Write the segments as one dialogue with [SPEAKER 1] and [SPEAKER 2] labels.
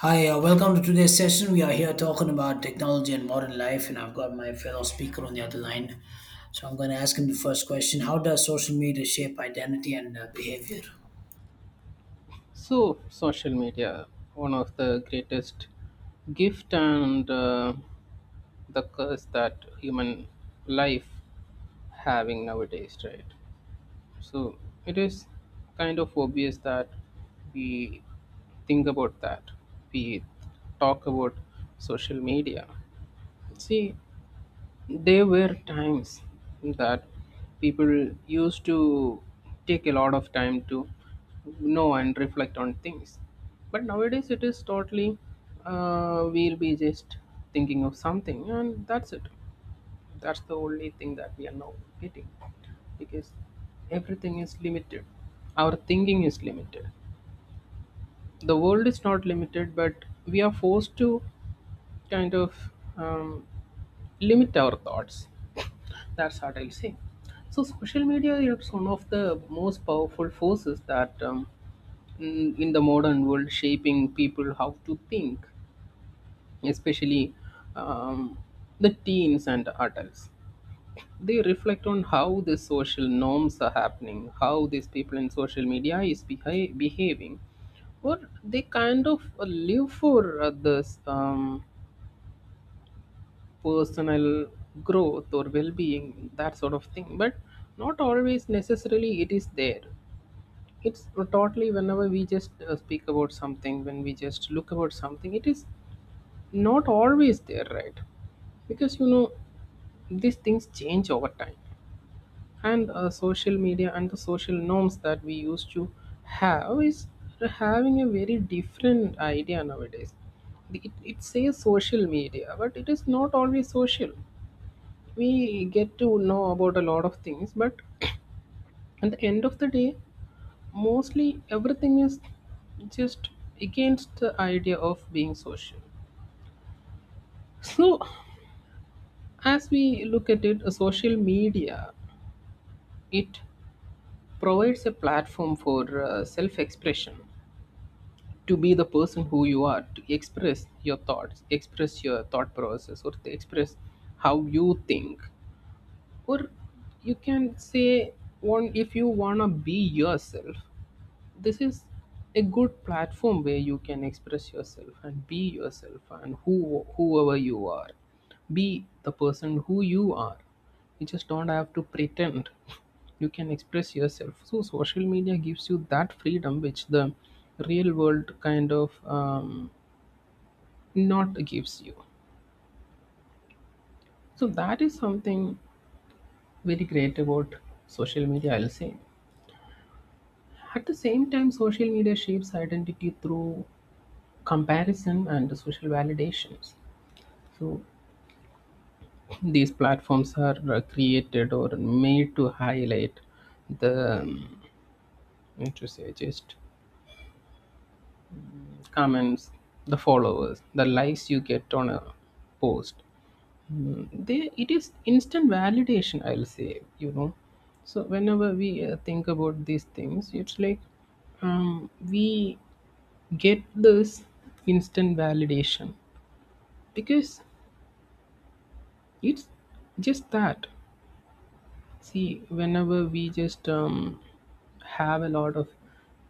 [SPEAKER 1] Hi, welcome to today's session. We are here talking about technology and modern life, and I've got my fellow speaker on the other line. So I'm going to ask him the first question. How does social media shape identity and behavior?
[SPEAKER 2] So, social media, one of the greatest gift and the curse that human life having nowadays, right? So, it is kind of obvious that we think about that. We talk about social media. See, there were times that people used to take a lot of time to know and reflect on things. But nowadays it is totally, we'll be just thinking of something and that's it. That's the only thing that we are now getting because everything is limited. Our thinking is limited. The world is not limited, but we are forced to kind of um, limit our thoughts, that's what I'll say. So social media is one of the most powerful forces that in the modern world shaping people how to think, especially um, the teens and adults. They reflect on how the social norms are happening, how these people in social media is behaving, or they kind of live for others. Personal growth or well-being, that sort of thing, but not always necessarily it is there. It's totally whenever we just speak about something, when we just look about something, it is not always there, right? Because you know these things change over time, and social media and the social norms that we used to have is having a very different idea nowadays. It, it says social media but it is not always social. We get to know about a lot of things, but at the end of the day mostly everything is just against the idea of being social. So as we look at it, social media, it provides a platform for self expression, to be the person who you are, to express your thoughts, express your thought process, or to express how you think, or you can say, one, if you wanna be yourself, this is a good platform where you can express yourself and be yourself and whoever you are, be the person who you are. You just don't have to pretend, you can express yourself. So social media gives you that freedom which the real world kind of not gives you. So that is something very great about social media, I'll say. At the same time, social media shapes identity through comparison and social validations. So these platforms are created or made to highlight the what to say, just comments, the followers, the likes you get on a post. Mm, they, it is instant validation, I'll say, you know. So whenever we think about these things, it's like we get this instant validation because it's just that. See, whenever we just have a lot of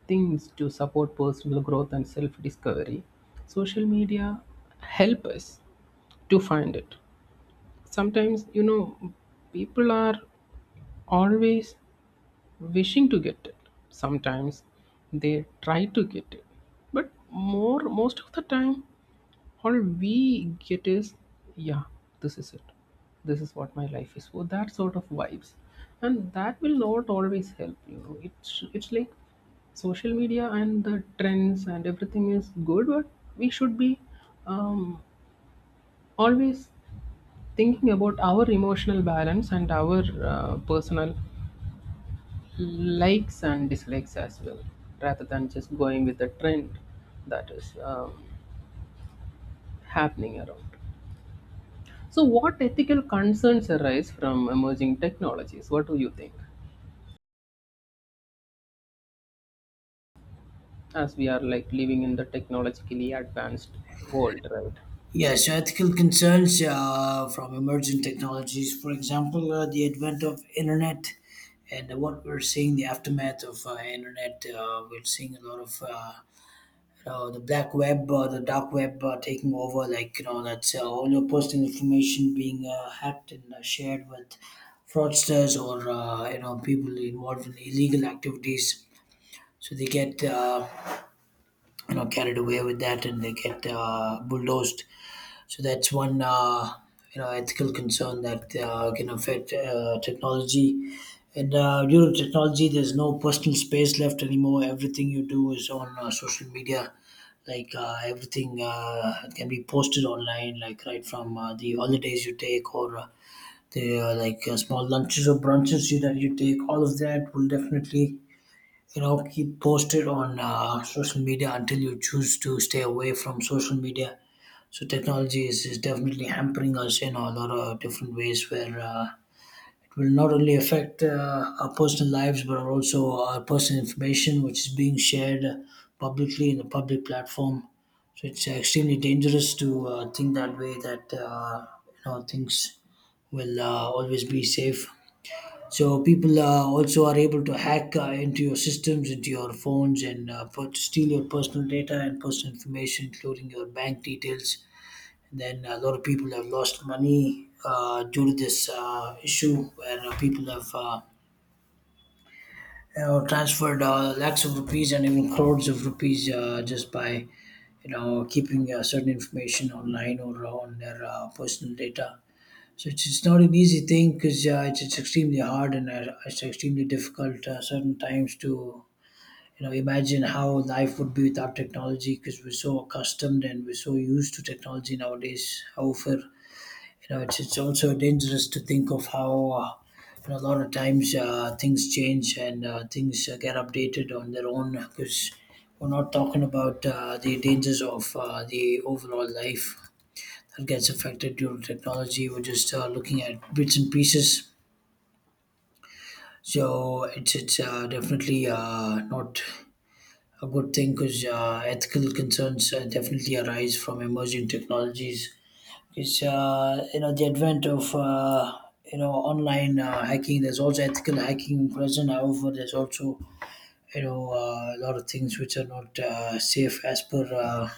[SPEAKER 2] things to support personal growth and self-discovery, social media help us to find it. Sometimes, you know, people are always wishing to get it. Sometimes they try to get it, but more most of the time all we get is, yeah, this is it, this is what my life is, so that sort of vibes, and that will not always help, you know. It's like social media and the trends and everything is good, but we should be um, always thinking about our emotional balance and our personal likes and dislikes as well, rather than just going with the trend that is happening around. So, what ethical concerns arise from emerging technologies? What do you think? As we are like living in the technologically advanced world, right?
[SPEAKER 1] Yeah, so ethical concerns from emerging technologies, for example, the advent of internet and what we're seeing the aftermath of internet. We're seeing a lot of the black web, the dark web taking over, like, you know, that's all your personal information being hacked and shared with fraudsters or, you know, people involved in illegal activities. So they get, you know, carried away with that, and they get bulldozed. So that's one you know ethical concern that can affect technology. And due to technology, there's no personal space left anymore. Everything you do is on social media. Like everything can be posted online, like right from the holidays you take or the like small lunches or brunches you, that you take. All of that will definitely you know keep posted on social media until you choose to stay away from social media. So technology is definitely hampering us in a lot of different ways, where it will not only affect our personal lives, but also our personal information, which is being shared publicly in a public platform. So it's extremely dangerous to think that way, that you know things will always be safe. So people also are able to hack into your systems, into your phones, and steal your personal data and personal information, including your bank details. And then a lot of people have lost money due to this issue, where people have you know, transferred lakhs of rupees and even crores of rupees just by you know keeping certain information online or on their personal data. So it's not an easy thing, because it's extremely hard, and it's extremely difficult certain times to you know imagine how life would be without technology, because we're so accustomed and we're so used to technology nowadays. However, you know, it's also dangerous to think of how you know, a lot of times things change, and things get updated on their own, because we're not talking about the dangers of the overall life that gets affected due to technology. We're just looking at bits and pieces. So it's definitely not a good thing, because ethical concerns definitely arise from emerging technologies, because you know the advent of you know online hacking. There's also ethical hacking present. However, there's also you know a lot of things which are not safe as per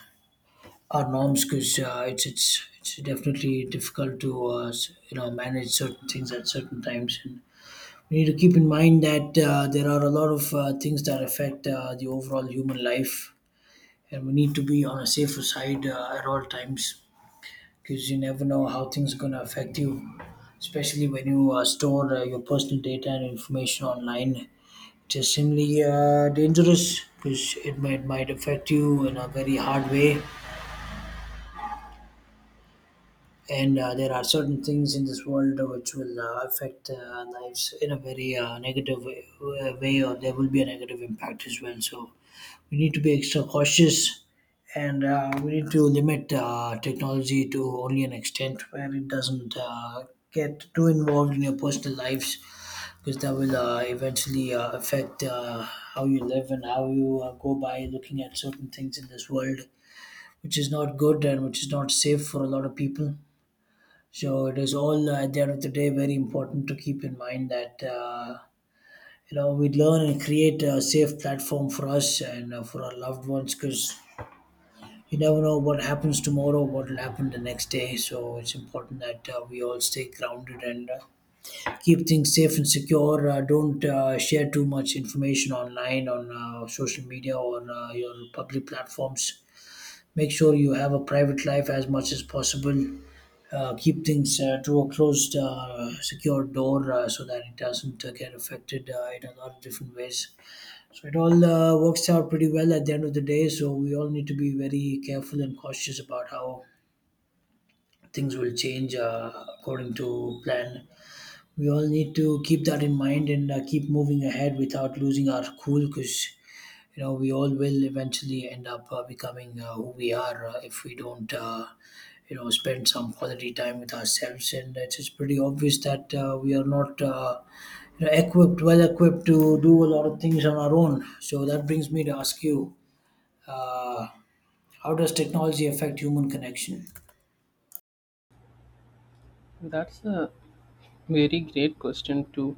[SPEAKER 1] our norms, because it's definitely difficult to you know manage certain things at certain times. And we need to keep in mind that there are a lot of things that affect the overall human life, and we need to be on a safer side at all times, because you never know how things are going to affect you, especially when you store your personal data and information online. It is simply dangerous, because it might affect you in a very hard way. And there are certain things in this world which will affect our lives in a very negative way, or there will be a negative impact as well. So we need to be extra cautious, and we need to limit technology to only an extent where it doesn't get too involved in your personal lives, because that will eventually affect how you live and how you go by looking at certain things in this world, which is not good and which is not safe for a lot of people. So it is all at the end of the day very important to keep in mind that you know we learn and create a safe platform for us and for our loved ones, because you never know what happens tomorrow, what will happen the next day. So it's important that we all stay grounded, and keep things safe and secure. Don't share too much information online on social media or your public platforms. Make sure you have a private life as much as possible. Keep things to a closed, secure door so that it doesn't get affected in a lot of different ways. So it all works out pretty well at the end of the day. So we all need to be very careful and cautious about how things will change according to plan. We all need to keep that in mind and keep moving ahead without losing our cool, because you know we all will eventually end up becoming who we are if we don't you know spend some quality time with ourselves. And it's just pretty obvious that we are not you know, equipped well equipped to do a lot of things on our own. So that brings me to ask you, uh, how does technology affect human connection?
[SPEAKER 2] That's a very great question to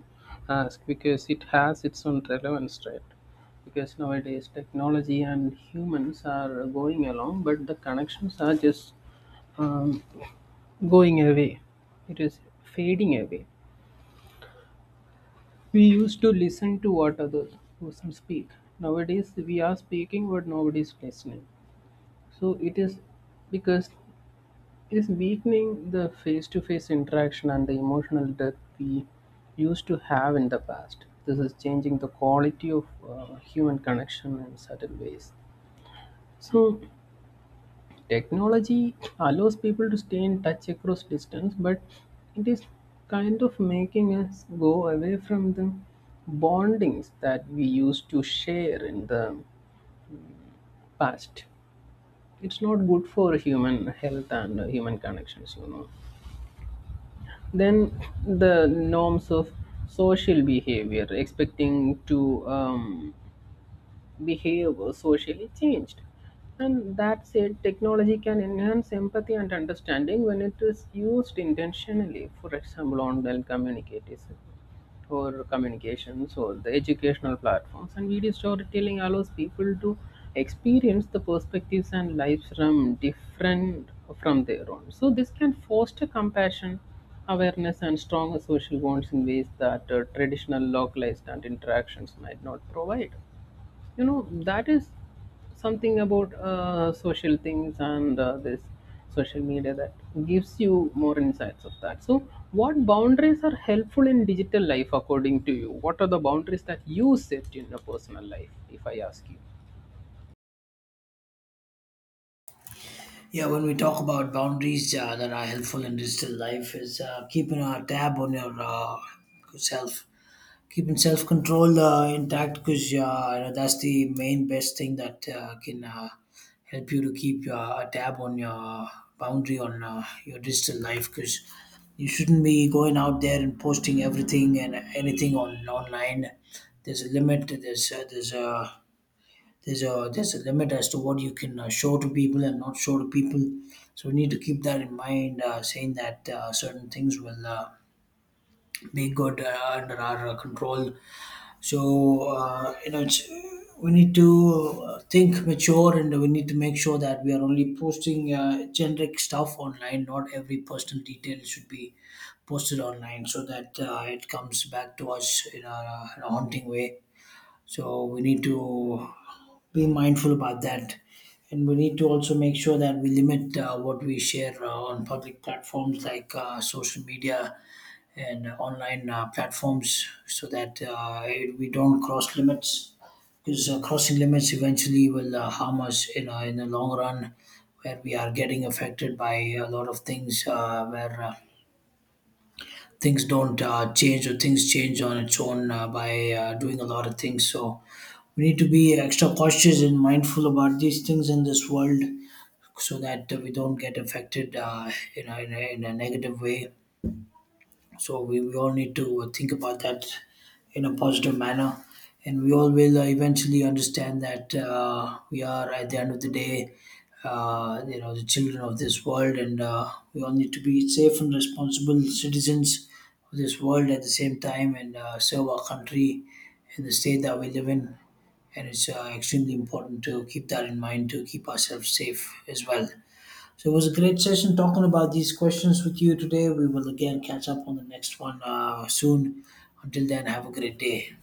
[SPEAKER 2] ask because it has its own relevance, right? Because nowadays technology and humans are going along, but the connections are just um, going away. It is fading away. We used to listen to what other person speak. Nowadays we are speaking but nobody is listening. So it is because it is weakening the face to face interaction and the emotional depth we used to have in the past. This is changing the quality of human connection in certain ways. So technology allows people to stay in touch across distance, but it is kind of making us go away from the bondings that we used to share in the past. It's not good for human health and human connections, you know. Then the norms of social behavior expecting to behavior socially changed. And that said, technology can enhance empathy and understanding when it is used intentionally, for example, online communities or communications or the educational platforms. And video storytelling allows people to experience the perspectives and lives from their own. So this can foster compassion, awareness, and stronger social bonds in ways that traditional localized and interactions might not provide, you know. That is something about social things and this social media that gives you more insights of that. So what boundaries are helpful in digital life, according to you? What are the boundaries that you set in your personal life, if I ask you?
[SPEAKER 1] Yeah, when we talk about boundaries that are helpful in digital life, is keeping a tab on your self, keeping self control intact, because you know, that's the main best thing that can help you to keep a tab on your boundary on your digital life, because you shouldn't be going out there and posting everything and anything on online. There's a limit. There's a limit as to what you can show to people and not show to people. So we need to keep that in mind, saying that certain things will be good under our control. So you know, it's, we need to think mature, and we need to make sure that we are only posting generic stuff online. Not every personal detail should be posted online, so that it comes back to us in a haunting way. So we need to be mindful about that. And we need to also make sure that we limit what we share on public platforms like social media and online platforms so that we don't cross limits. Because crossing limits eventually will harm us in the long run, where we are getting affected by a lot of things where things don't change, or things change on its own by doing a lot of things. So we need to be extra cautious and mindful about these things in this world, so that we don't get affected in a negative way. So we all need to think about that in a positive manner, and we all will eventually understand that we are at the end of the day you know the children of this world, and we all need to be safe and responsible citizens of this world at the same time, and serve our country and the state that we live in. And it's extremely important to keep that in mind, to keep ourselves safe as well. So it was a great session talking about these questions with you today. We will again catch up on the next one soon. Until then, have a great day.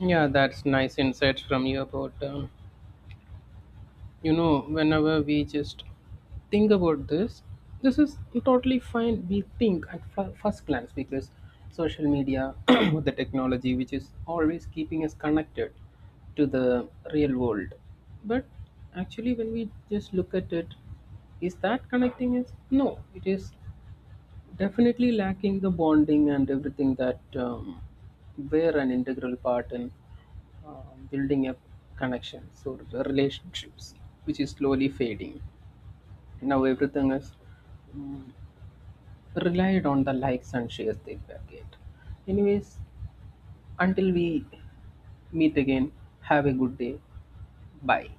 [SPEAKER 2] Yeah, that's nice insights from you about you know, whenever we just think about this, this is totally fine. We think at first glance because social media, the technology which is always keeping us connected to the real world, but actually when we just look at it, is that connecting us? No, it is definitely lacking the bonding and everything that were an integral part in uh, building up connections or relationships, which is slowly fading. Now everything is relied on the likes and shares they will get. Anyways, until we meet again, have a good day. Bye.